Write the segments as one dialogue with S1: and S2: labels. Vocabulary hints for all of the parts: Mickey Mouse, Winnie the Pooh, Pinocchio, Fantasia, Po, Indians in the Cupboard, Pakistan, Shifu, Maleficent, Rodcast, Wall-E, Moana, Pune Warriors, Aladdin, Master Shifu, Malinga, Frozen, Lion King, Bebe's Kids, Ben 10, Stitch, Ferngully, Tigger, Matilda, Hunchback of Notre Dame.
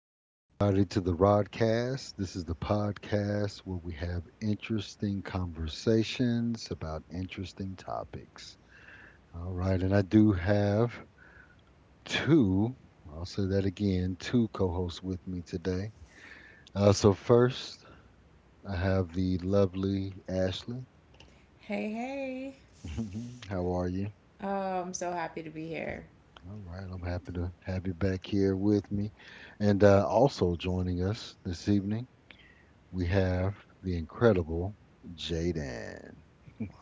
S1: back, everybody, to the Rodcast. This is the podcast where we have interesting conversations about interesting topics. All right, and I do have two, I'll say that again, two co hosts with me today. So, first, I have the lovely Ashley.
S2: Hey, hey.
S1: How are you?
S2: Oh, I'm so happy to be here.
S1: All right, I'm happy to have you back here with me. And also joining us this evening we have the incredible Jaden.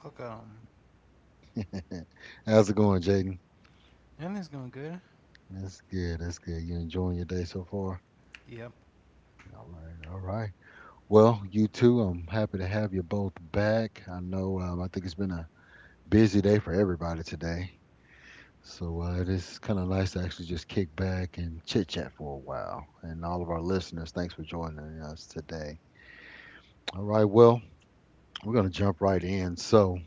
S3: Look at him.
S1: How's it going, Jaden?
S3: And he's going good.
S1: That's good. That's good. You enjoying your day so far?
S3: Yep.
S1: All right. All right. Well, you too. I'm happy to have you both back. I know. I think it's been a busy day for everybody today. So it is kind of nice to actually just kick back and chit chat for a while. And all of our listeners, thanks for joining us today. All right. Well, we're gonna jump right in. So,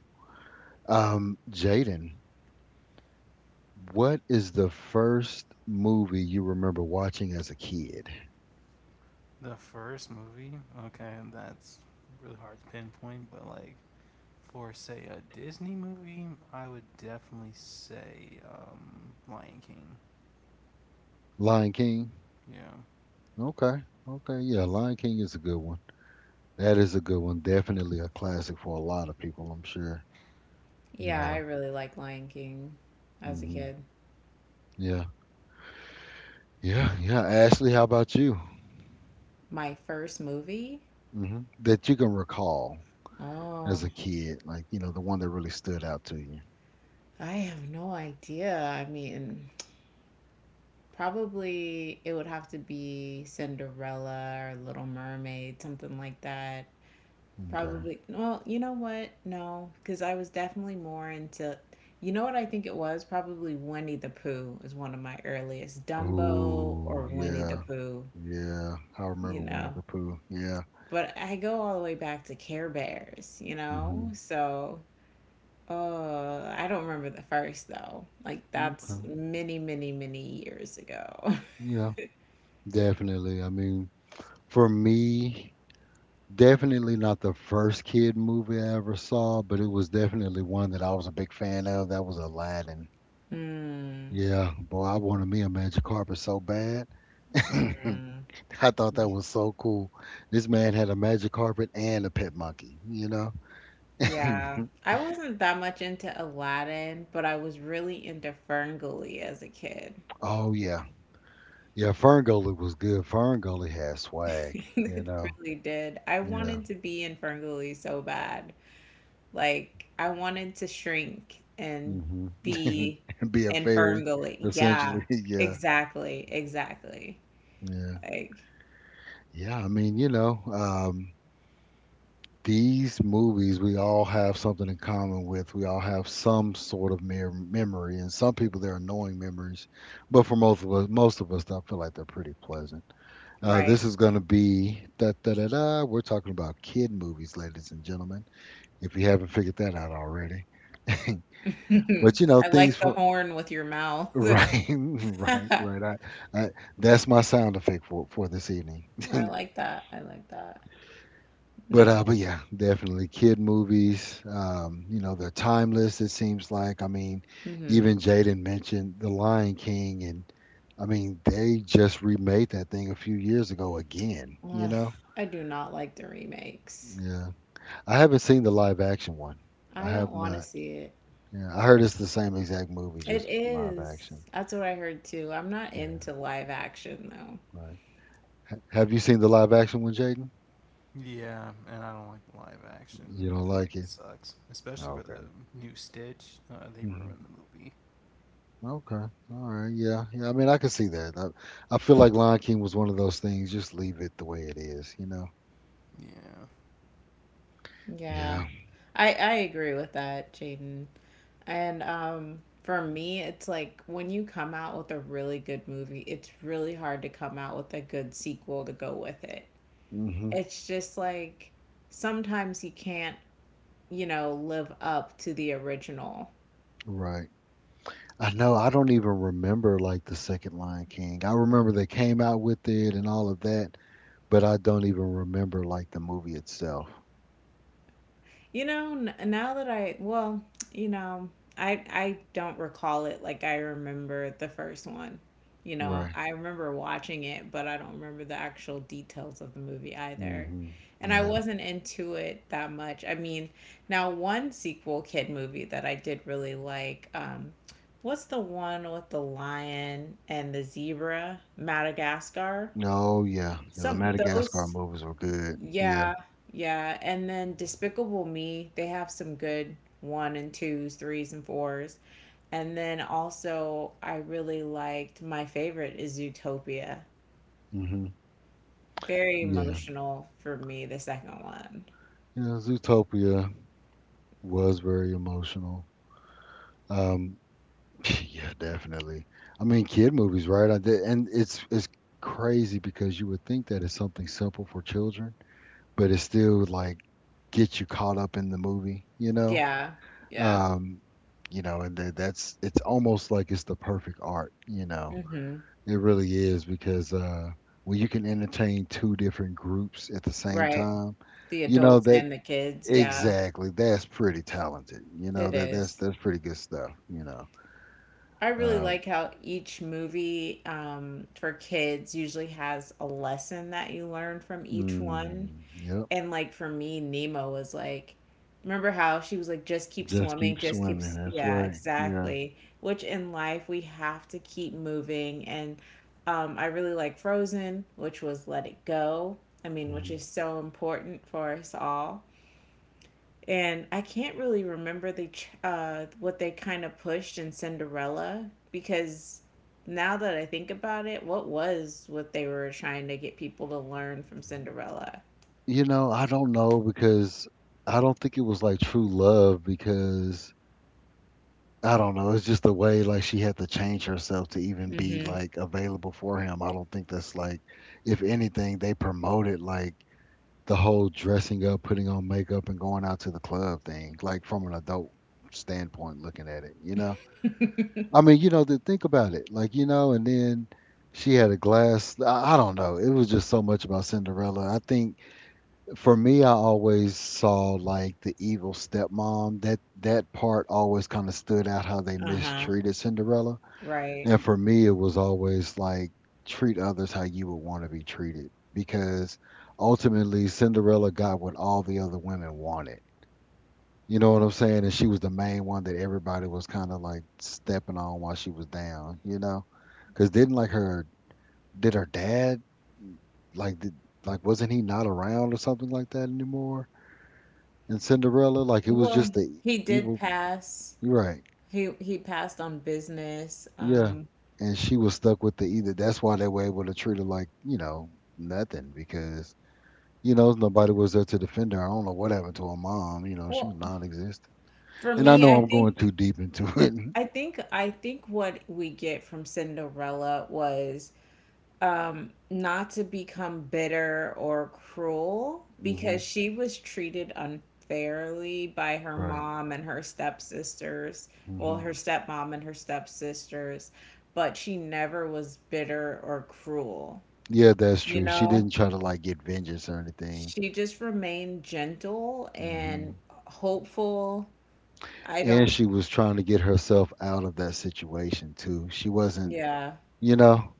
S1: Jaden. What is the first movie you remember watching as a kid?
S3: The first movie. Okay, that's really hard to pinpoint, but like for say a Disney movie, I would definitely say Lion King.
S1: Lion King?
S3: Yeah.
S1: Okay. Okay. Yeah, Lion King is a good one. That is a good one. Definitely a classic for a lot of people, I'm sure. You
S2: Yeah, I
S1: know.
S2: really like Lion King as a
S1: Hmm.
S2: kid.
S1: Yeah. Yeah. Yeah. Ashley, how about you?
S2: My first movie?
S1: Hmm. That you can recall
S2: Oh,
S1: as a kid, like, the one that really stood out to you.
S2: I have no idea. I mean, probably it would have to be Cinderella or Little Mermaid, something like that.
S1: Okay.
S2: Probably, well, you know what? No, because I was definitely more into, you know what I think it was? Probably Winnie the Pooh is one of my earliest. Dumbo
S1: Oh,
S2: or Winnie the
S1: yeah.
S2: Pooh,
S1: Yeah. I
S2: you
S1: remember Winnie
S2: know?
S1: the Pooh. Yeah.
S2: But I go all the way back to Care Bears, you know?
S1: Hmm.
S2: So, oh, I don't remember the first though. Like
S1: Okay.
S2: that's many, many, many years ago.
S1: Yeah. Definitely. I mean, for me, definitely not the first kid movie I ever saw, but it was definitely one that I was a big fan of. That was Aladdin.
S2: Hmm.
S1: Yeah, boy, I wanted me a magic carpet so bad.
S2: Hmm.
S1: I thought that was so cool. This man had a magic carpet and a pet monkey, you know?
S2: Yeah. I wasn't that much into Aladdin, but I was really into Ferngully as a kid.
S1: Oh, yeah. Yeah, Ferngully was good. Ferngully had swag, you
S2: It
S1: know?
S2: really did. I
S1: Yeah.
S2: wanted to be in Ferngully so bad. Like, I wanted to shrink and
S1: Hmm.
S2: be
S1: Be a
S2: and firm
S1: fairy,
S2: going. Yeah,
S1: essentially. Yeah.
S2: exactly, exactly.
S1: Yeah.
S2: Like,
S1: Yeah, I mean, these movies, we all have something in common with. We all have some sort of mere memory, and some people they're annoying memories, but for most of us, I feel like they're pretty pleasant.
S2: right.
S1: This is going to be da da da da. We're talking about kid movies, ladies and gentlemen. If you haven't figured that out already, but you know
S2: I
S1: things
S2: like the
S1: for
S2: horn with your mouth.
S1: right, right,
S2: I
S1: right. I that's my sound effect for this evening.
S2: like that. I like that.
S1: But
S2: No.
S1: yeah, definitely kid movies. They're timeless. It seems like. I mean,
S2: Hmm.
S1: even Jaden mentioned The Lion King, and I mean, they just remade that thing a few years ago again. You
S2: Ugh,
S1: know.
S2: I do not like the remakes.
S1: Yeah, I haven't seen the live action one. I
S2: I don't
S1: have
S2: want to
S1: not.
S2: see it.
S1: Yeah, I heard it's the same exact movie,
S2: It
S1: just live action.
S2: is. That's what I heard too. I'm not
S1: Yeah,
S2: into live action though.
S1: right. Have you seen the live action one, Jaden?
S3: Yeah, and I don't like the live action.
S1: You
S3: I
S1: don't
S3: feel like
S1: like
S3: it
S1: it?
S3: sucks, especially
S1: Oh,
S3: for the
S1: okay.
S3: new Stitch. They
S1: Mm-hmm.
S3: ruined the movie.
S1: Okay. All right. Yeah. Yeah. I mean, I can see that. I feel like Lion King was one of those things. Just leave it the way it is, you know?
S3: Yeah.
S2: Yeah.
S1: Yeah.
S2: I agree with that, Jaden. And for me, it's like when you come out with a really good movie, it's really hard to come out with a good sequel to go with it.
S1: Hmm.
S2: It's just like sometimes you can't live up to the original.
S1: Right. I know. I don't even remember like the second Lion King. I remember they came out with it and all of that, but I don't even remember like the movie itself.
S2: Now that I, well, you know, I don't recall it like I remember the first one. You know,
S1: Right.
S2: I remember watching it, but I don't remember the actual details of the movie either.
S1: Hmm.
S2: And I
S1: Yeah.
S2: wasn't into it that much. I mean, now one sequel kid movie that I did really like, what's the one with the lion and the zebra? Madagascar.
S1: No. Yeah. Yeah. The
S2: Some
S1: Madagascar
S2: those,
S1: movies were good. Yeah.
S2: yeah, yeah. And then Despicable Me, they have some good one and twos, threes and fours. And then also, I really liked, my favorite is Zootopia.
S1: Hmm.
S2: Very
S1: Yeah.
S2: emotional for me, the second one.
S1: Yeah. Zootopia was very emotional. Um, Yeah, definitely. I mean, kid movies, right? I did, and it's crazy because you would think that it's something simple for children, but it still like gets you caught up in the movie, you know?
S2: Yeah, yeah.
S1: Um, and that, that's it's almost like it's the perfect art, you know.
S2: Mm-hmm.
S1: It really is because when you can entertain two different groups at the same
S2: Right.
S1: time,
S2: The
S1: you know
S2: adults
S1: that
S2: and the kids. Yeah,
S1: exactly. That's pretty talented. You know
S2: it
S1: that that's
S2: is.
S1: that's pretty good stuff, you know.
S2: I really
S1: Um,
S2: like how each movie for kids usually has a lesson that you learn from each one.
S1: Mm, yep.
S2: And like for me, Nemo was like, remember how she was like, just keep
S1: Just
S2: swimming,
S1: keep
S2: just
S1: swimming.
S2: keeps,
S1: That's
S2: yeah,
S1: right. Yeah.
S2: exactly. Which in life we have to keep moving. And I really like Frozen, which was Let It Go. I mean, which
S1: Mhm.
S2: is so important for us all. And I can't really remember the what they kind of pushed in Cinderella, because now that I think about it, what was what they were trying to get people to learn from Cinderella?
S1: You know, I don't know because I don't think it was like true love because I don't know. It's just the way like she had to change herself to even be
S2: Hmm.
S1: like available for him. I don't think that's like, if anything, they promoted like the whole dressing up, putting on makeup, and going out to the club thing, like from an adult standpoint looking at it, you know? I mean, to think about it, like you know, and then she had a glass. I don't know. It was just so much about Cinderella. I think for me, I always saw like the evil stepmom. That part always kind of stood out how they
S2: Uh-huh.
S1: mistreated Cinderella,
S2: Right.
S1: and for me, it was always like treat others how you would want to be treated because ultimately Cinderella got what all the other women wanted you know what I'm saying? And she was the main one that everybody was kind of like stepping on while she was down, you know? Because didn't like her, did her dad, like, did, like, wasn't he not around or something like that anymore? And Cinderella, like, it was just
S2: Well,
S1: the
S2: he did
S1: evil,
S2: pass.
S1: you're right.
S2: He passed on business.
S1: Yeah.
S2: Um,
S1: And she was stuck with the either. That's why they were able to treat her like, you know, nothing because, you know, nobody was there to defend her. I don't know what happened to her mom, you know, she was
S2: well,
S1: non existent.
S2: for
S1: And I
S2: me,
S1: know
S2: I
S1: I'm going too
S2: think
S1: deep into it.
S2: what we get from Cinderella was not to become bitter or cruel
S1: Hmm.
S2: because she was treated unfairly by her
S1: Right.
S2: mom and her stepsisters. Well,
S1: Hmm.
S2: her stepmom and her stepsisters, but she never was bitter or cruel,
S1: Yeah, that's
S2: you
S1: true. She
S2: know?
S1: didn't try to like get vengeance or anything.
S2: She just remained gentle
S1: hmm
S2: and hopeful. I
S1: And
S2: don't.
S1: she was trying to get herself out of that situation too. She wasn't,
S2: Yeah,
S1: you know.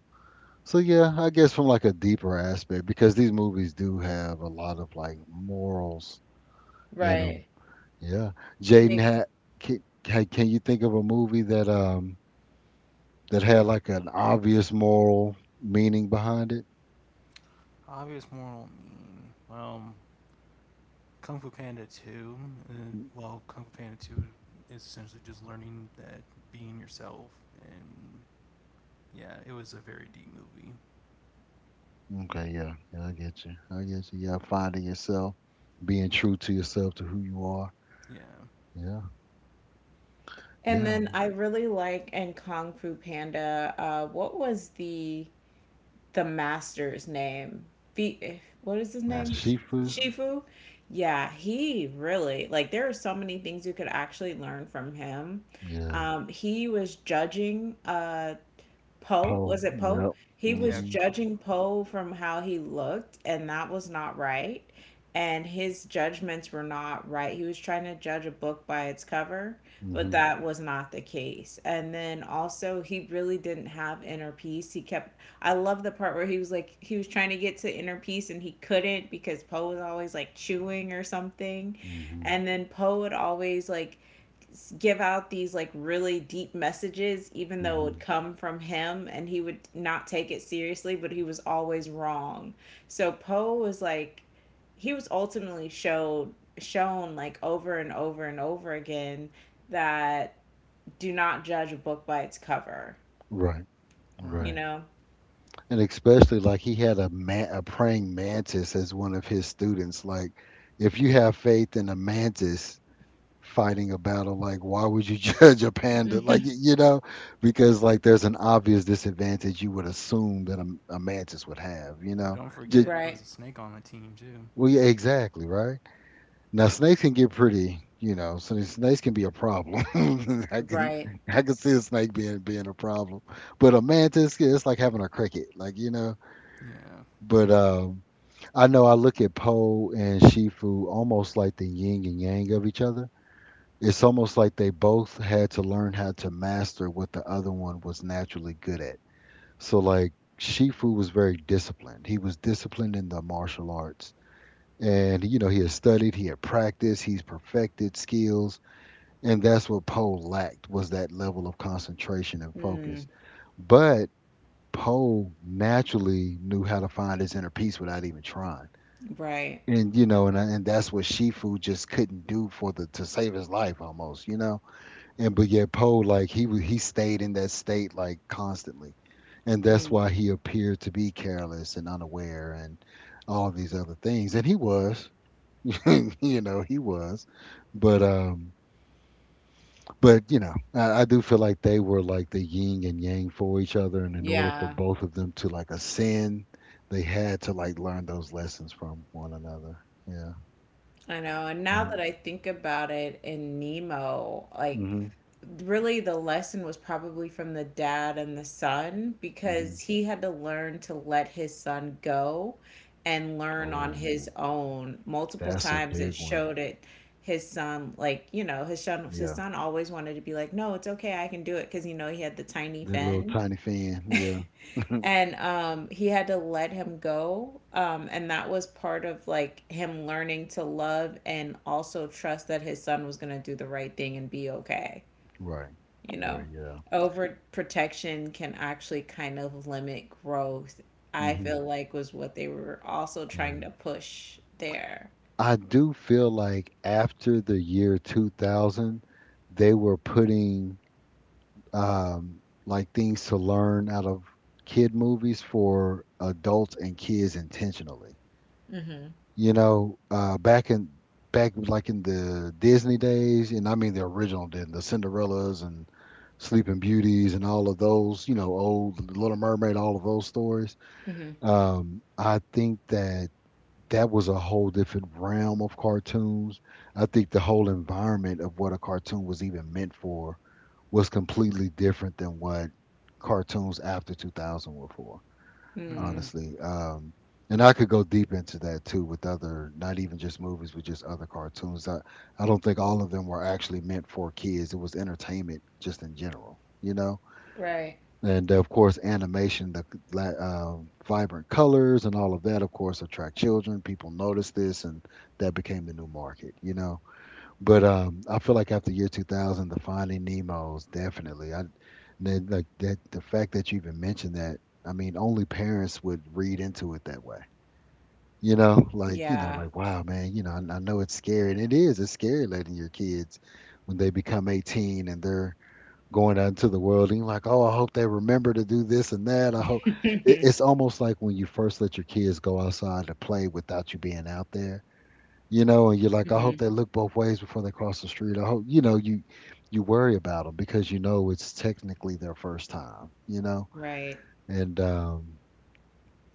S1: So yeah, I guess from like a deeper aspect because these movies do have a lot of like morals in them.
S2: right.
S1: Yeah. Jaden
S2: Make,
S1: had can you think of a movie that had like an obvious moral meaning behind it?
S3: Obvious moral meaning. Well, Kung Fu Panda 2, uh, well, Kung Fu Panda 2, is essentially just learning that being yourself. And yeah, it was a very deep movie.
S1: Okay, yeah. Yeah, I get you. I get you. Yeah, finding yourself, being true to yourself to who you are.
S3: Yeah.
S1: Yeah,
S2: and
S1: yeah.
S2: then I really like in Kung Fu Panda, what was the master's name? What is his
S1: The
S2: name?
S3: Master
S1: Shifu.
S3: Shifu.
S2: Shifu? Yeah, he really, like, there are so many things you could actually learn from him.
S1: Yeah.
S2: He was judging Poe,
S1: Po.
S2: was it Poe?
S1: Yep.
S2: He was
S1: Mhm.
S3: Yeah.
S1: Mm.
S2: judging Poe from how he looked, and that was not right. And his judgments were not right. He was trying to judge a book by its cover, but
S1: Mhm.
S2: that was not the case. And then also, he really didn't have inner peace. He kept, I love the part where he was like, he was trying to get to inner peace and he couldn't because Poe was always like chewing or something.
S1: Mm. Mhm.
S2: And then Poe would always like give out these like really deep messages, even
S1: Mm.
S2: though it would
S1: Mhm.
S2: come from him and he would not take it seriously, but he was always wrong. So Poe was like, he was ultimately showed shown like over and over and over again that do not judge a book by its cover,
S1: Right.
S2: you
S3: Right.
S1: Right.
S2: know?
S1: And especially like he had a praying mantis as one of his students. Like, if you have faith in a mantis fighting a battle, like why would you judge a panda? Like you know, because like there's an obvious disadvantage you would assume that a mantis would have. You know.
S3: Don't
S1: Ju-
S3: forget, there was
S2: Right,
S3: a snake on the team, too.
S1: well, yeah, exactly. Right. Now snakes can get pretty, you know, so these snakes can be a problem. I can
S2: right,
S1: see a snake being a problem. But a mantis, yeah, it's like having a cricket, like you know.
S3: Yeah.
S1: But I know I look at Po and Shifu almost like the yin and yang of each other. It's almost like they both had to learn how to master what the other one was naturally good at. So like Shifu was very disciplined. He was disciplined in the martial arts. And you know, he had studied, he had practiced, he's perfected skills and that's what Poe lacked was that level of concentration and focus.
S2: mm,
S1: But Poe naturally knew how to find his inner peace without even trying.
S2: right,
S1: And you know, and that's what Shifu just couldn't do for the to save his life almost, you know. And but yet Poe like he stayed in that state like constantly. And that's
S2: mm,
S1: why he appeared to be careless and unaware and all of these other things. And he was, you know, he was. But um But, I do feel like they were like the yin and yang for each other, and in order for
S2: yeah.
S1: both of them to like ascend, they had to like learn those lessons from one another. Yeah.
S2: I know. And now
S1: No.
S2: that I think about it, in Nemo, like,
S1: Mhm.
S2: really the lesson was probably from the dad and the son,
S1: Mhm.
S2: because he had to learn to let his son go and learn on his
S1: Oh,
S2: own. Multiple
S1: that's a
S2: times it
S1: big one.
S2: showed it, his son, like, you know, his son his
S1: Yeah.
S2: son always wanted to be like, "No, it's okay. I can do it," because he had the tiny
S1: That little
S2: fin.
S1: tiny fan. Yeah.
S2: And he had to let him go, and that was part of like him learning to love and also trust that his son was going to do the right thing and be okay,
S1: Right.
S2: you know?
S1: Right. Yeah.
S2: Overprotection can actually kind of limit growth, I
S1: Mhm.
S2: feel like, was what they were also
S1: Yeah.
S2: trying to push there.
S1: I do feel like after the year 2000, they were putting like things to learn out of kid movies for adults and kids intentionally.
S2: Hmm.
S1: You know, back like in the Disney days, and I mean the original Disney, the Cinderellas and Sleeping Beauties and all of those, you know, old Little Mermaid, all of those stories.
S2: Hmm.
S1: I think that that was a whole different realm of cartoons. I think the whole environment of what a cartoon was even meant for was completely different than what cartoons after 2000 were for,
S3: Hmm.
S2: Mm.
S1: honestly. And I could go deep into that too with other, not even just movies, but just other cartoons. I don't think all of them were actually meant for kids. It was entertainment just in general, you know?
S2: Right.
S1: And of course, animation, the la- vibrant colors and all of that, of course, attract children. People notice this, and that became the new market, you know? But I feel like after year 2000, the Finding Nemo's definitely. Like that, the fact that you even mentioned that. I mean, only parents would read into it that way. Like,
S2: Yeah.
S1: like wow, man. I know it's scary, and it is. It's scary letting your kids when they become 18 and they're going out into the world, and you're like, oh, I hope they remember to do this and that.
S2: Hmm.
S1: It's almost like when you first let your kids go outside to play without you being out there, you know, and you're like, I hope they look both ways before they cross the street. I hope, you worry about them because you know it's technically their first time,
S2: Right.
S1: and um,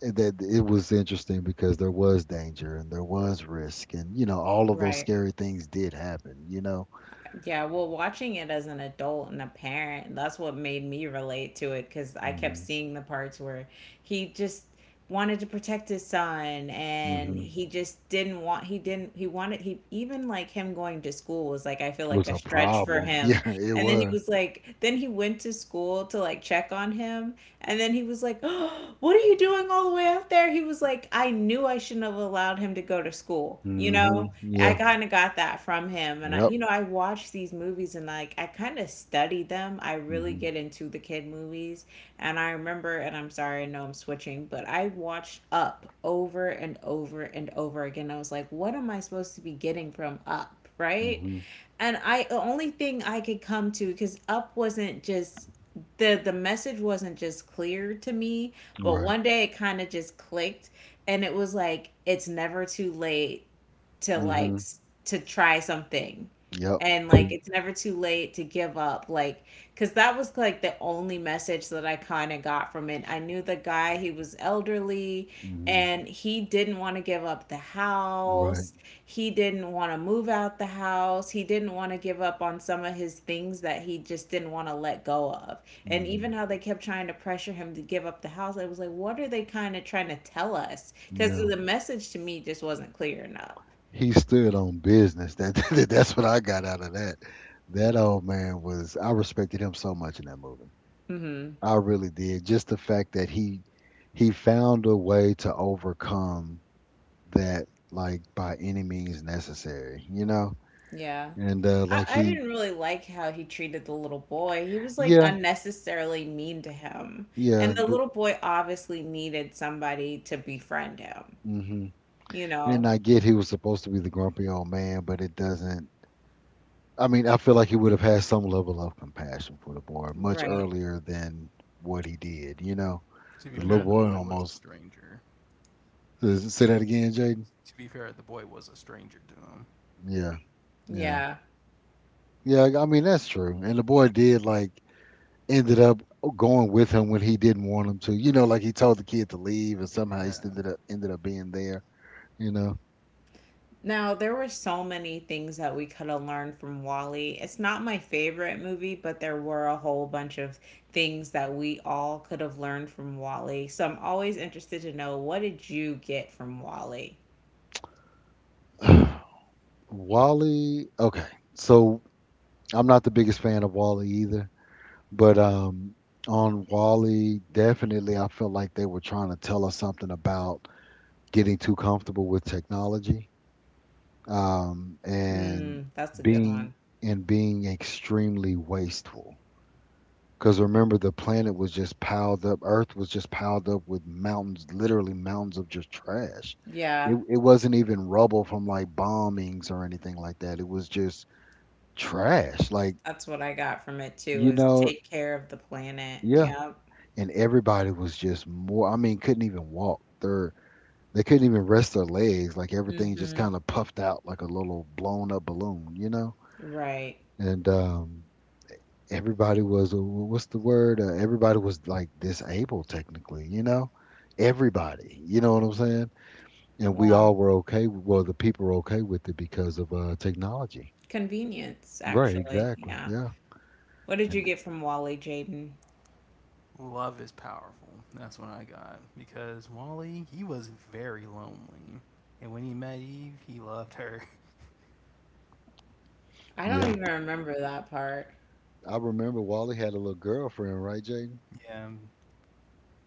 S1: and that it was interesting because there was danger and there was risk, and you know, all of those
S2: Right.
S1: scary things did happen, you know.
S2: Yeah, well, watching it as an adult and a parent, that's what made me relate to it, because I kept
S1: Hmm.
S2: seeing the parts where he just wanted to protect his son, and
S1: Hmm.
S2: he just didn't want, he didn't, he wanted, he even like him going to school was like, I feel like
S1: Was
S2: a
S1: a
S2: stretch for
S1: problem.
S2: him.
S1: Yeah, it
S2: And then he
S1: was.
S2: was like, then he went to school to like check on him. And then he was like, oh, what are you doing all the way up there? He was like, I knew I shouldn't have allowed him to go to school, you
S1: Hmm.
S2: know? I
S1: Yeah.
S2: kind of got that from him. And I,
S1: Yep.
S2: you know, I watch these movies and like I kind of study them. I really
S1: Hmm.
S2: get into the kid movies. And I remember, and I'm sorry, I know I'm switching, but I watched Up over and over and over again. I was like, what am I supposed to be getting from Up? Right.
S1: Hmm.
S2: And I, the only thing I could come to, because Up wasn't just, the message wasn't just clear to me, but
S1: Right.
S2: one day it kind of just clicked. And it was like it's never too late to like
S1: Hmm.
S2: to try something,
S1: Yep.
S2: and like it's never too late to give up, like, because that was like the only message that I kind of got from it. I knew the guy, he was elderly,
S1: Hmm.
S2: and he didn't want to give up the
S1: Right.
S2: house, he didn't want to move out the house, he didn't want to give up on some of his things that he just didn't want to let go of. And even
S1: Hmm.
S2: how they kept trying to pressure him to give up the house, I was like, what are they kind of trying to tell us? Because
S1: Yeah.
S2: the message to me just wasn't clear enough.
S1: He stood on business. That that's what I got out of that. That old man was I respected him so much in that movie.
S2: Hmm.
S1: I really did. Just the fact that he found a way to overcome that, like, by any means necessary, you know?
S2: Yeah.
S1: And
S2: I,
S1: like
S2: I
S1: he.
S2: didn't really like how he treated the little boy. He was like
S1: Yeah,
S2: unnecessarily mean to him. And
S1: yeah,
S2: the little boy obviously needed somebody to befriend him,
S1: mhm.
S2: you
S1: And
S2: know?
S1: I get he was supposed to be the grumpy old man, but it doesn't. I mean, I feel like he would have had some level of compassion for the boy much
S2: Right.
S1: earlier than what he did. You know,
S3: To be
S1: the little
S3: fair,
S2: Hmm.
S3: the
S1: boy
S3: boy was a
S1: almost.
S3: stranger.
S1: Say that again, Jaden.
S3: To be fair, the boy was a stranger to him.
S1: Yeah, yeah,
S2: Yeah.
S1: yeah. I mean, that's true. And the boy did, like, ended up going with him when he didn't want him to. You know, like he told the kid to leave, and somehow he still
S3: Yeah.
S1: ended up being there. You know.
S2: Now, there were so many things that we could have learned from Wally. It's not my favorite movie, but there were a whole bunch of things that we all could have learned from Wally. So I'm always interested to know, what did you get from Wally?
S1: Wally. Okay, so I'm not the biggest fan of Wally either. But on Wally, definitely, I felt like they were trying to tell us something about getting too comfortable with technology, and
S2: Mm, that's a good
S1: being
S2: one.
S1: being extremely wasteful. Because remember, the planet was just piled up. Earth was just piled up with mountains, literally mountains of just trash. It
S2: Yeah,
S1: it wasn't even rubble from, like, bombings or anything like that. It was just trash. Like,
S2: that's what I got from it too,
S1: you
S2: is
S1: know,
S2: take care of the planet.
S1: yeah.
S2: Yep.
S1: And everybody was just more, I mean, couldn't even walk. They couldn't even rest their legs, like, everything just
S2: Hmm.
S1: kind of puffed out like a little blown up balloon, you know.
S2: Right.
S1: And everybody was, what's the word, everybody was like disabled, technically, you know. Everybody, you know what I'm saying. And we
S2: Well,
S1: all were okay. Well, the people were okay with it because of technology.
S2: convenience,
S1: Right,
S2: actually.
S1: exactly,
S2: Yeah.
S1: yeah.
S2: What did you
S1: And
S2: get from Wally, Jaden?
S3: Love is powerful. That's what I got. Because Wally, he was very lonely. And when he met Eve, he loved her.
S2: I don't
S1: yeah,
S2: even remember that part.
S1: I remember Wally had a little girlfriend, right, Jay?
S3: Yeah.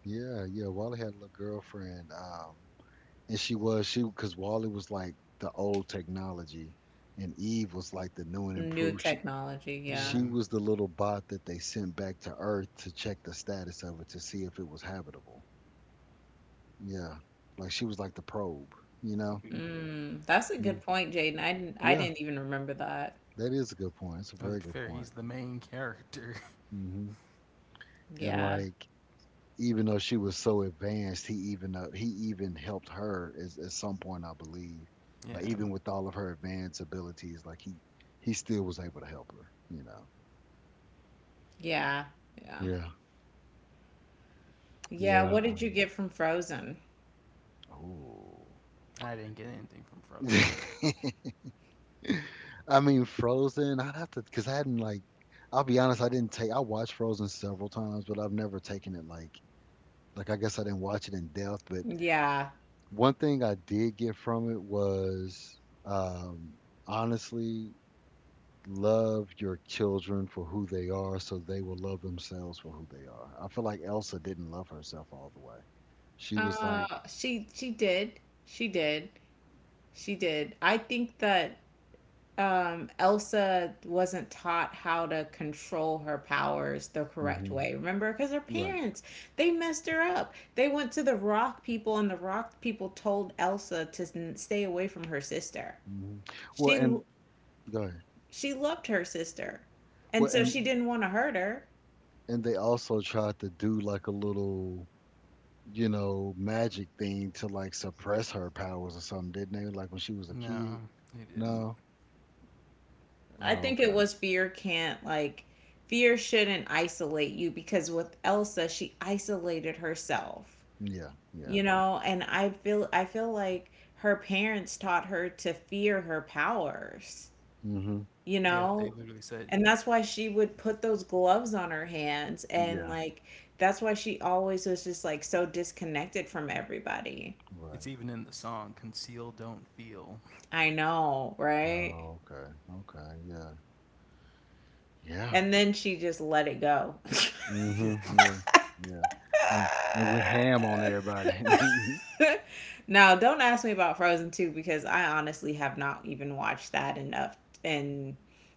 S1: Yeah, yeah. Wally had a little girlfriend, and she was she because Wally was like the old technology, and Eve was like the new and
S2: New
S1: improved. She
S2: technology, yeah.
S1: she
S3: Yeah.
S1: was the little bot that they sent back to Earth to check the status of it to see if it was habitable. Yeah, like she was like the probe, you know.
S3: Mm.
S2: Mm, that's a
S1: Yeah,
S2: good point, Jaden. I didn't, I
S1: yeah.
S2: didn't even remember that.
S1: That is a good point. It's a
S3: To be
S1: very good
S3: fair, he's
S1: point.
S3: the main character.
S1: Hmm. And,
S2: Yeah.
S1: like, even though she was so advanced, he even helped her, as, at some point, I believe. Like,
S3: yeah.
S1: even with all of her advanced abilities, like, he still was able to help her. You know.
S2: Yeah. Yeah.
S1: Yeah.
S2: Yeah,
S1: Yeah.
S2: what did you get from Frozen?
S1: Oh.
S3: I didn't get anything from Frozen.
S1: I mean, Frozen. I'd have to, because I hadn't like. I'll be honest. I didn't take. I watched Frozen several times, but I've never taken it like. I guess I didn't watch it in depth. But
S2: Yeah.
S1: one thing I did get from it was, um, honestly, love your children for who they are so they will love themselves for who they are. I feel like Elsa didn't love herself all the way. She was like,
S2: She did. She did. She did. I think that Elsa wasn't taught how to control her powers the correct
S1: hmm.
S2: way. Remember, because her
S1: Right.
S2: parents, they messed her up. They went to the Rock people, and the Rock people told Elsa to stay away from her sister.
S1: Hmm. Well,
S2: She
S1: and go ahead.
S2: she loved her sister,
S1: Well,
S2: and so
S1: and
S2: she didn't want to hurt her.
S1: and they also tried to do like a little, you know, magic thing to, like, suppress her powers or something, didn't they? Like when she was a kid.
S3: No, they didn't.
S1: No.
S2: I
S1: Oh,
S2: think it
S1: okay.
S2: was fear can't like fear shouldn't isolate you, because with Elsa she isolated herself.
S1: Yeah. Yeah.
S2: And I feel like her parents taught her to fear her powers,
S1: Hmm.
S2: you
S3: Yeah, they
S2: know?
S3: literally said
S2: And that's why she would put those gloves on her hands, and
S1: Yeah.
S2: like that's why she always was just like so disconnected from everybody.
S3: it's
S1: Right.
S3: even in the song Conceal Don't Feel.
S2: I know, right?
S1: Oh, okay. Okay. Yeah. Yeah.
S2: And then she just let it go.
S1: Mhm.
S3: Yeah.
S1: Yeah. Yeah. And with ham on everybody.
S2: Now, don't ask me about Frozen 2 because I honestly have not even watched that enough. And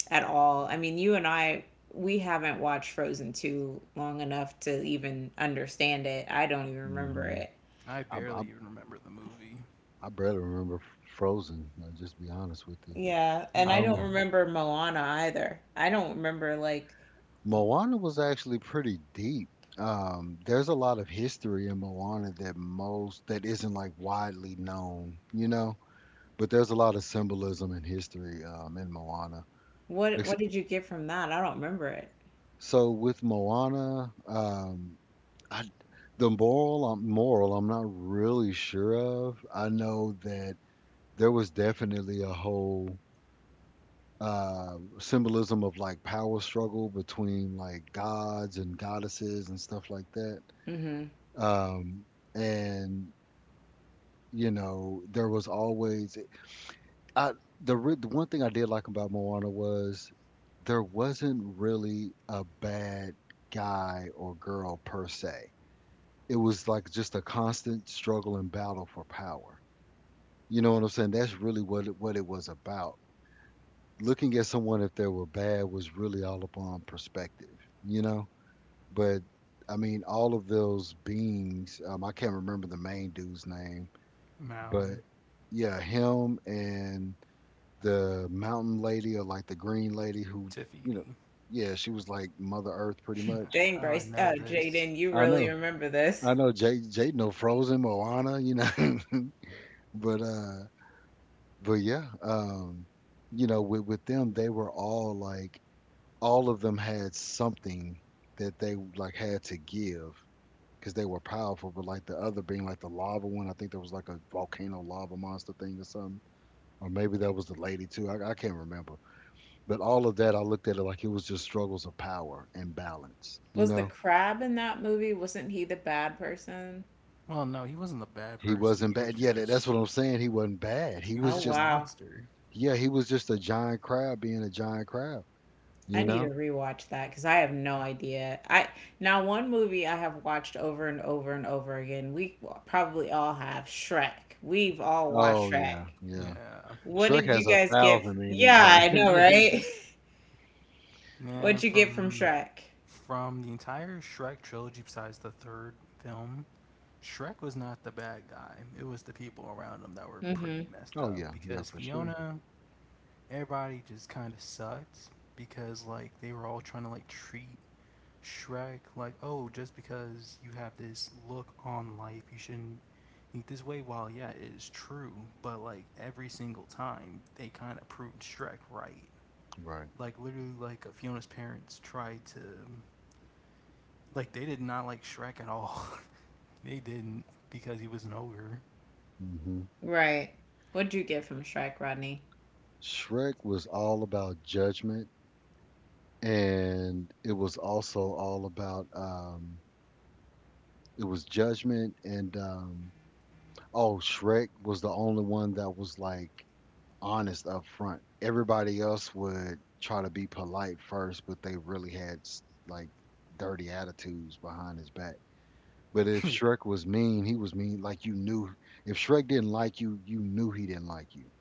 S2: at all. I mean, you and I, we haven't watched Frozen 2 long enough to even understand it. I don't even remember
S1: Mhm.
S2: it.
S3: I
S1: I,
S3: barely
S1: I
S3: even remember the movie.
S1: I barely remember Frozen. I'll just be honest with you.
S2: Yeah, and
S1: I
S2: I
S3: Yeah.
S2: don't remember Moana either. I don't remember like
S1: Moana was actually pretty deep. There's a lot of history in Moana that most that isn't, like, widely known, you know. But there's a lot of symbolism and history, in Moana.
S2: what
S1: Ex-
S2: what did you get from that? I don't remember it.
S1: So with Moana, I d the moral, I'm not really sure of. I know that there was definitely a whole, symbolism of, like, power struggle between, like, gods and goddesses and stuff like that.
S2: Mhm.
S1: Um, and, you know, there was always. I the re The one thing I did like about Moana was there wasn't really a bad guy or girl, per se. It was like just a constant struggle and battle for power. You know what I'm saying? That's really what it was about. Looking at someone if they were bad was really all upon perspective, you know? But I mean, all of those beings, I can't remember the main dude's name, but
S3: Maui.
S1: yeah, him and the mountain lady, or like the green lady who, you
S3: Tafiti.
S1: know, yeah, she was like Mother Earth pretty much.
S2: Dang,
S3: How do I
S2: Bryce,
S3: know this?
S2: Jaden, you
S1: I
S2: really
S1: know.
S2: remember this.
S1: I know Jay Jay know Frozen, Moana, you know. But uh But yeah, you know, with them, they were all like, all of them had something that they, like, had to give because they were powerful. But like the other being, like, the lava one, I think there was like a volcano lava monster thing or something. Or maybe that was the lady too. I can't remember. But all of that, I looked at it like it was just struggles of power and balance. You
S2: Was the
S1: know,
S2: crab in that movie? Wasn't he the bad person?
S3: Well, no, he wasn't a bad
S1: he
S3: person.
S1: wasn't bad. Yeah, that's what I'm saying. He wasn't bad. He
S3: He was
S2: Oh,
S1: was
S3: just a
S1: just,
S2: wow.
S3: monster.
S1: yeah, he was just a giant crab being a giant crab.
S2: I
S1: You
S2: need to
S1: know.
S2: rewatch that because I have no idea. I Now one movie I have watched over and over and over again. We probably all have Shrek. We've all watched
S1: Oh yeah,
S2: Shrek.
S1: yeah.
S3: Yeah.
S2: What
S1: Shrek
S2: did you
S1: has a
S2: guys get?
S1: thousand
S2: Yeah,
S1: meanings.
S2: I
S1: Right?
S2: know, right?
S3: Man,
S2: What'd you get from
S3: from
S2: Shrek?
S3: from the entire Shrek trilogy besides the third film, Shrek was not the bad guy. It was the people around him that were pretty
S2: Mm-hmm.
S3: messed
S1: Oh
S3: up
S1: yeah, yeah,
S3: because
S1: for sure.
S3: Fiona, everybody just kind of sucked because like they were all trying to like treat Shrek, like, oh, just because you have this look on life, you shouldn't think this way. While, yeah, it is true, but like every single time, they kind of proved Shrek right.
S1: Right.
S3: Like, literally, like, Fiona's parents tried to, like, they did not like Shrek at all. they didn't because he was an ogre.
S1: Hmm.
S2: Right. What'd you get from Shrek, Rodney?
S1: Shrek was all about judgment, and it was also all about, it was judgment, and, oh, Shrek was the only one that was, like, honest up front. Everybody else would try to be polite first, but they really had like dirty attitudes behind his back. But if Shrek was mean, he was mean like you knew. If Shrek didn't like you knew he didn't like you.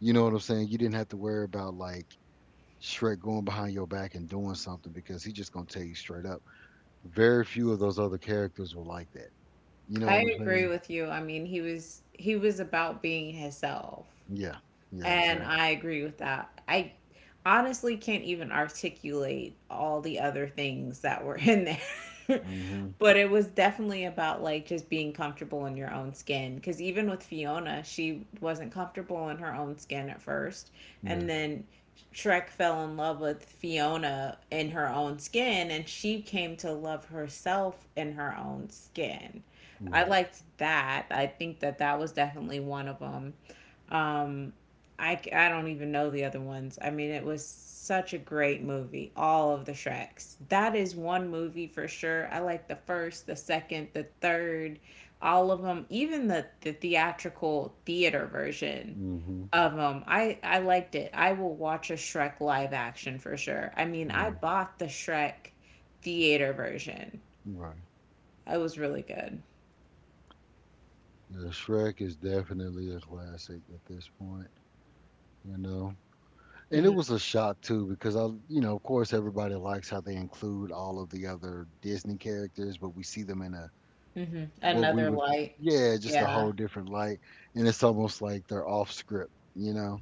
S1: You know what I'm saying? You didn't have to worry about, like, Shrek going behind your back and doing something because he just gonna tell you straight up. Very few of those other characters were like that. You know what
S2: I
S1: I'm
S2: agree
S1: saying?
S2: with you. I mean, he was about being himself.
S1: Yeah. Yeah.
S2: And
S1: Exactly.
S2: I agree with that. I honestly can't even articulate all the other things that were in there.
S1: Mhm.
S2: But it was definitely about like just being comfortable in your own skin. Because even with Fiona, she wasn't comfortable in her own skin at first.
S1: Yeah.
S2: And then Shrek fell in love with Fiona in her own skin, and she came to love herself in her own skin. I
S1: Right.
S2: liked that. I think that that was definitely one of them. Um, I don't even know the other ones. I mean, it was such a great movie. All of the Shreks. That is one movie for sure. I like the first, the second, the third, all of them, even the theatrical theater version
S1: Mhm.
S2: of them. I liked it. I will watch a Shrek live action for sure. I mean, I
S1: Right.
S2: bought the Shrek theater version.
S1: Right.
S2: It was really good.
S1: Yeah. Shrek is definitely a classic at this point. You know. And it
S2: Hmm.
S1: was a shock too because I, you know, of course everybody likes how they include all of the other Disney characters, but we see them in a.
S2: Hmm.
S1: what we
S2: Another
S1: would
S2: light.
S1: Yeah, just a
S2: Yeah.
S1: whole different light. And it's almost like they're off script, you know.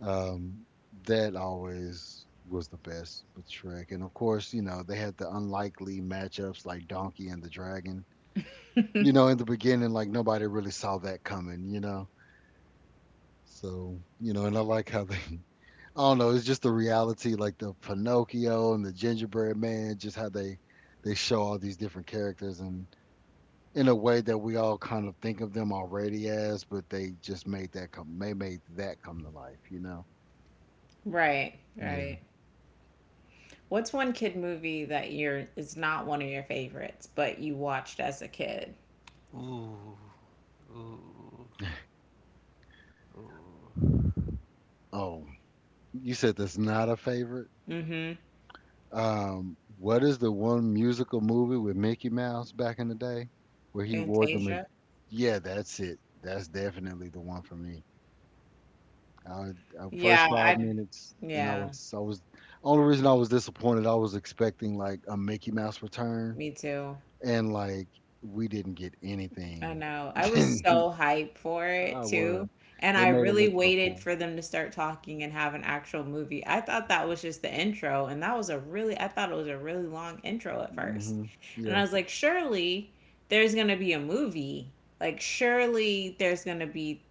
S1: Um that always was the best with Shrek. And of course, you know, they had the unlikely matchups like Donkey and the Dragon. You know, in the beginning, like, nobody really saw that coming, you know. So, you know, and I like how they. I don't know. It's just the reality, like the Pinocchio and the Gingerbread Man, just how they show all these different characters, and in a way that we all kind of think of them already as, but they just made that come. They made that come to life, you know.
S2: Right,
S1: Yeah.
S2: right. What's one kid movie that you're is not one of your favorites, but you watched as a kid?
S3: Ooh, ooh, ooh.
S1: Oh, you said that's not a favorite.
S2: Mm-hmm.
S1: What is the one musical movie with Mickey Mouse back in the day where he wore the?
S2: Fantasia?
S1: Yeah, that's it. That's definitely the one for me. I, I
S2: Yeah,
S1: First five
S2: I
S1: minutes, and
S2: yeah,
S1: I was only reason I was disappointed. I was expecting like a Mickey Mouse return,
S2: me too.
S1: and, like, we didn't get
S2: I
S1: anything.
S2: know. I was
S1: I
S2: so hyped for it
S1: was.
S2: too. And
S1: They
S2: I
S1: made it
S2: really
S1: look so
S2: waited
S1: cool.
S2: for them to start talking and have an actual movie. I thought that was just the intro, and that was I thought it was a really long intro at first.
S1: Hmm.
S2: And
S1: Yeah.
S2: I was like, surely there's going to be a movie. Like, surely there's going to be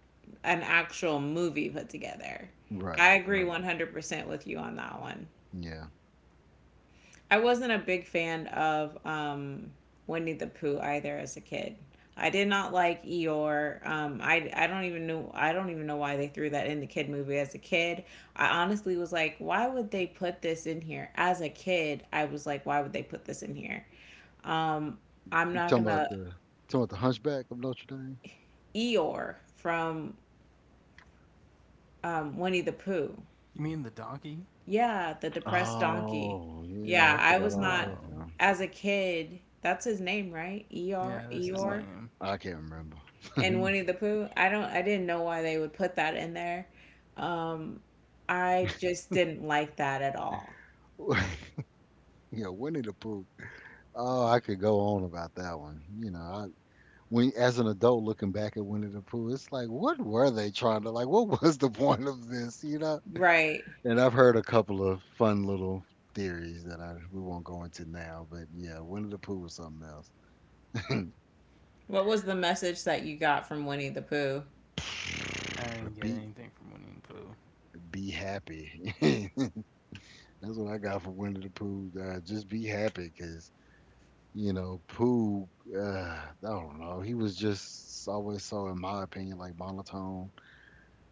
S2: an actual movie put together.
S1: Right.
S2: I agree
S1: Right.
S2: 100% with you on that one.
S1: Yeah.
S2: I wasn't a big fan of Winnie the Pooh either as a kid. I did not like Eeyore. I don't even know why they threw that in the kid movie as a kid. I honestly was like, why would they put this in here? As a kid, I was like, why would they put this in here? Um, I'm
S1: You
S2: not
S1: talking about
S2: gonna
S1: the. Hunchback of Notre Dame?
S2: Eeyore from Winnie the Pooh.
S3: You mean the donkey?
S2: Yeah, the depressed donkey.
S1: Oh yeah,
S2: Yeah,
S1: I
S2: I
S1: forgot
S2: was
S1: all
S2: not
S1: about
S3: Oh,
S1: him.
S2: as a kid. That's his name, right?
S3: yeah,
S2: Eeyore,
S3: that's his
S1: Uh,
S2: Eeyore.
S3: name.
S1: I can't remember.
S2: And Winnie the Pooh. I don't I didn't know why they would put that in there. Um I just didn't like that at all.
S1: Yeah, Winnie the Pooh. Oh, I could go on about that one. You know, I. When, as an adult, looking back at Winnie the Pooh, it's like, what were they trying to like? What was the point of this? You know?
S2: Right.
S1: And I've heard a couple of fun little theories that I we won't go into now, but yeah, Winnie the Pooh was something else.
S2: What was the message that you got from Winnie the Pooh?
S3: I didn't get
S1: be
S3: anything from Winnie the Pooh.
S1: be happy. That's what I got for Winnie the Pooh. Just be happy, cause you know Pooh. Uh, I don't know. He was just always so, in my opinion, like, monotone.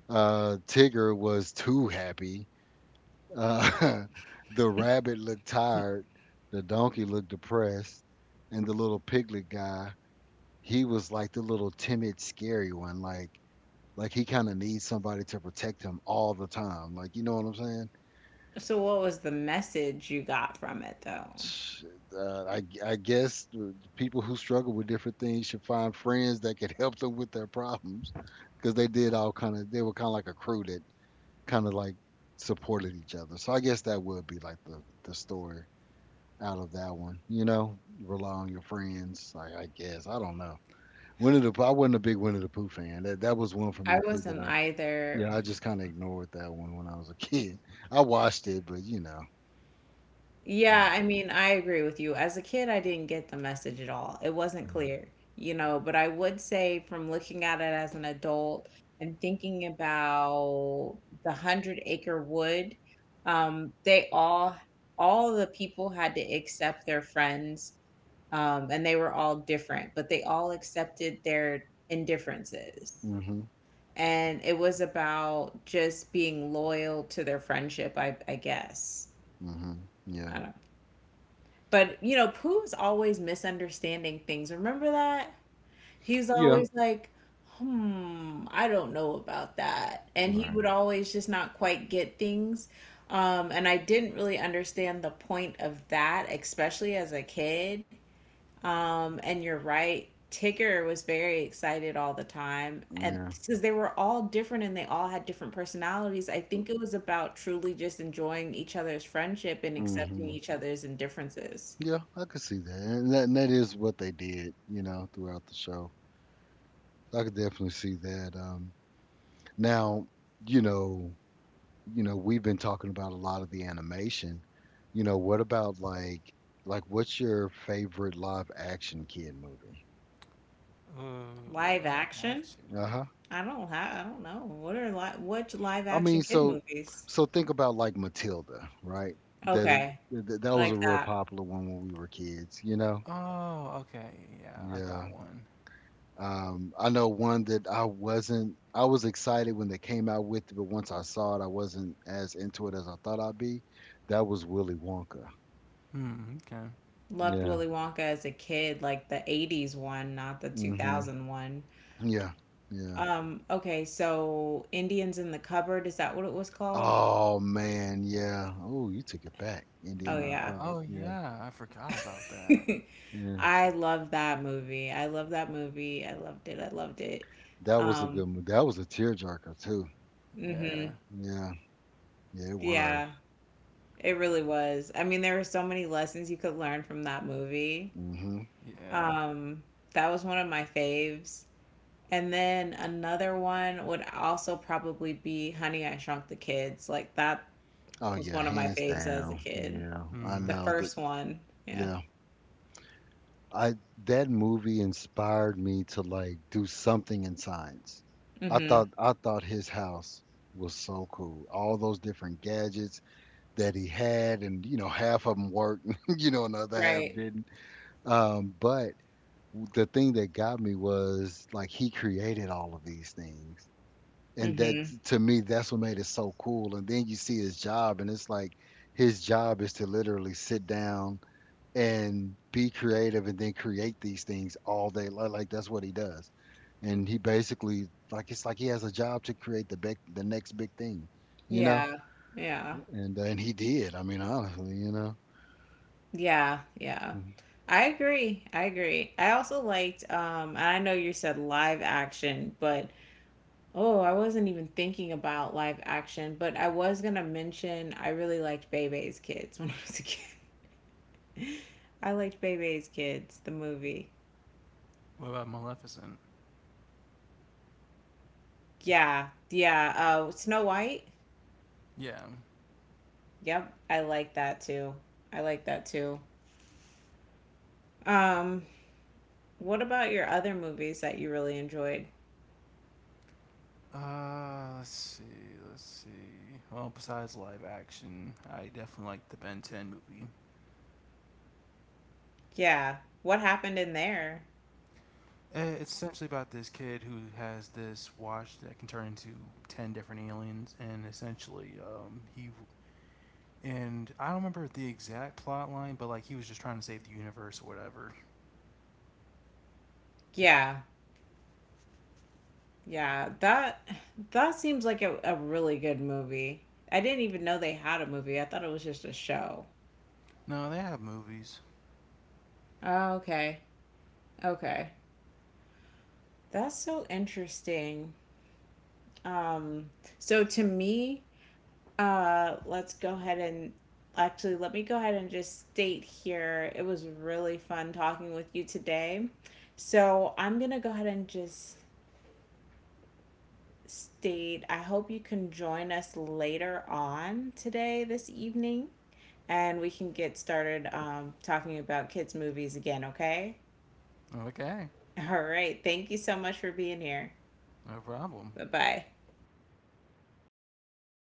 S1: Tigger was too happy. Uh, the rabbit looked tired, the donkey looked depressed, and the little piglet guy, he was like the little timid, scary one. Like, he kind of needs somebody to protect him all the time. Like, you know what I'm saying?
S2: So what was the message you got from it though?
S1: Sh- I guess the people who struggle with different things should find friends that can help them with their problems, because they were kind of like a crew that kind of like supported each other. So I guess that would be like the story. Out of that one. You know, rely on your friends. I guess I don't know. Winnie the Pooh. I wasn't a big Winnie the Pooh fan. That was one for
S2: I
S1: me too. That
S2: wasn't
S1: I.
S2: either.
S1: Yeah, I
S3: Yeah.
S1: just kind of ignored that one when I was a kid. I watched it, but you know. Yeah.
S2: Yeah, I mean, I agree with you. As a kid, I didn't get the message at all. It wasn't
S1: Yeah.
S2: clear, you know, but I would say from looking at it as an adult and thinking about the Hundred Acre Wood, they all the people had to accept their friends, and they were all different, but they all accepted their indifferences.
S1: Mhm.
S2: And it was about just being loyal to their friendship, I guess.
S1: Mhm. Yeah.
S2: I But you know, Pooh's always misunderstanding things. Remember that? He's
S1: Yeah.
S2: always like, hmm, I don't know about that. And he
S1: Right.
S2: would always just not quite get things. And I didn't really understand the point of that, especially as a kid. And you're right. Tigger was very excited all the time, and
S1: Yeah.
S2: because they were all different and they all had different personalities, I think it was about truly just enjoying each other's friendship and accepting
S1: Mhm.
S2: each other's indifferences.
S1: Yeah. I could see that. And that is what they did. You know, throughout the show. So I could definitely see that. Now, you know, we've been talking about a lot of the animation. You know, what about like, what's your favorite live action kid movie?
S3: Oh,
S2: Live
S3: live
S2: action?
S3: action.
S1: Uh-huh.
S2: I don't have, I don't know. What are li what live
S1: I
S2: action
S1: mean,
S2: kid
S1: so
S2: movies?
S1: so think about like Matilda, right? That
S2: Okay,
S1: that was a
S2: like
S1: real
S2: that.
S1: popular one when we were kids, you know?
S3: Oh, okay. Yeah, I
S1: Yeah.
S3: got one.
S1: I know one that I wasn't I was excited when they came out with it, but once I saw it, I wasn't as into it as I thought I'd be. That was Willy Wonka.
S3: Hmm, okay.
S2: Loved
S1: Yeah.
S2: Willy Wonka as a kid, like the 80s one, not the
S1: Mhm.
S2: 2000 one.
S1: Yeah. Yeah.
S2: Okay, so Indians in the Cupboard, is that what it was called?
S1: Oh man, yeah. Oh, you took it back.
S2: Oh
S1: Indian in the
S2: yeah.
S1: cupboard.
S3: Oh
S1: Yeah,
S3: yeah, I forgot about that.
S1: yeah.
S2: I love that movie. I love that movie. I loved it. I loved it.
S1: That was a
S2: Um,
S1: good movie. That was a tearjerker too.
S2: mhm.
S3: Yeah,
S1: Yeah, yeah, it was.
S2: Yeah, it really was. I mean, there were so many lessons you could learn from that movie.
S1: Hmm.
S3: yeah.
S2: Um, that was one of my faves. And then another one would also probably be Honey, I Shrunk the Kids. Like that
S1: Oh
S2: was
S1: yeah,
S2: one of my
S1: hands
S2: faves as a
S1: down.
S2: kid.
S1: Yeah, I
S3: Hmm.
S2: The
S1: know that.
S2: first one. Yeah.
S1: Yeah, I that movie inspired me to, like, do something in science. I
S2: Mhm.
S1: thought I thought his house was so cool. All those different gadgets that he had, and you know, half of them worked, you know, and the other half
S2: Right.
S1: didn't. But the thing that got me was, like, he created all of these things. And that,
S2: Mhm.
S1: to me, that's what made it so cool. And then you see his job and it's like, his job is to literally sit down and be creative and then create these things all day, like, that's what he does. And he basically, like, it's like he has a job to create the next big thing, you know.
S2: Yeah. Yeah.
S1: And and he did, I mean, honestly, you know.
S2: Yeah. Yeah.
S1: Mm-hmm.
S2: I agree. I agree. I also liked and I know you said live action, but oh, I wasn't even thinking about live action, but I was going to mention I really liked Bebe's Kids when I was a kid. I liked Bebe's Kids, the movie.
S3: What about Maleficent?
S2: Yeah, yeah. Snow White.
S3: Yeah.
S2: Yep, I like that too. I like that too. Um, what about your other movies that you really enjoyed?
S3: Let's see, let's see. Well, besides live action, I definitely like the Ben 10 movie.
S2: Yeah, what happened in there?
S3: Eh, it's essentially about this kid who has this watch that can turn into 10 different aliens, and essentially, he and I don't remember the exact plot line, but like he was just trying to save the universe or whatever.
S2: Yeah, yeah. That that seems like a really good movie. I didn't even know they had a movie. I thought it was just a show.
S3: No, they have movies.
S2: Oh, okay. Okay. That's so interesting. Um, so to me, let's go ahead and actually let me go ahead and just state here it was really fun talking with you today. So I'm gonna go ahead and just state I hope you can join us later on today, this evening, and we can get started talking about kids' movies again, okay?
S3: Okay,
S2: All right. Thank you so much for being here.
S3: no problem.
S2: Bye bye.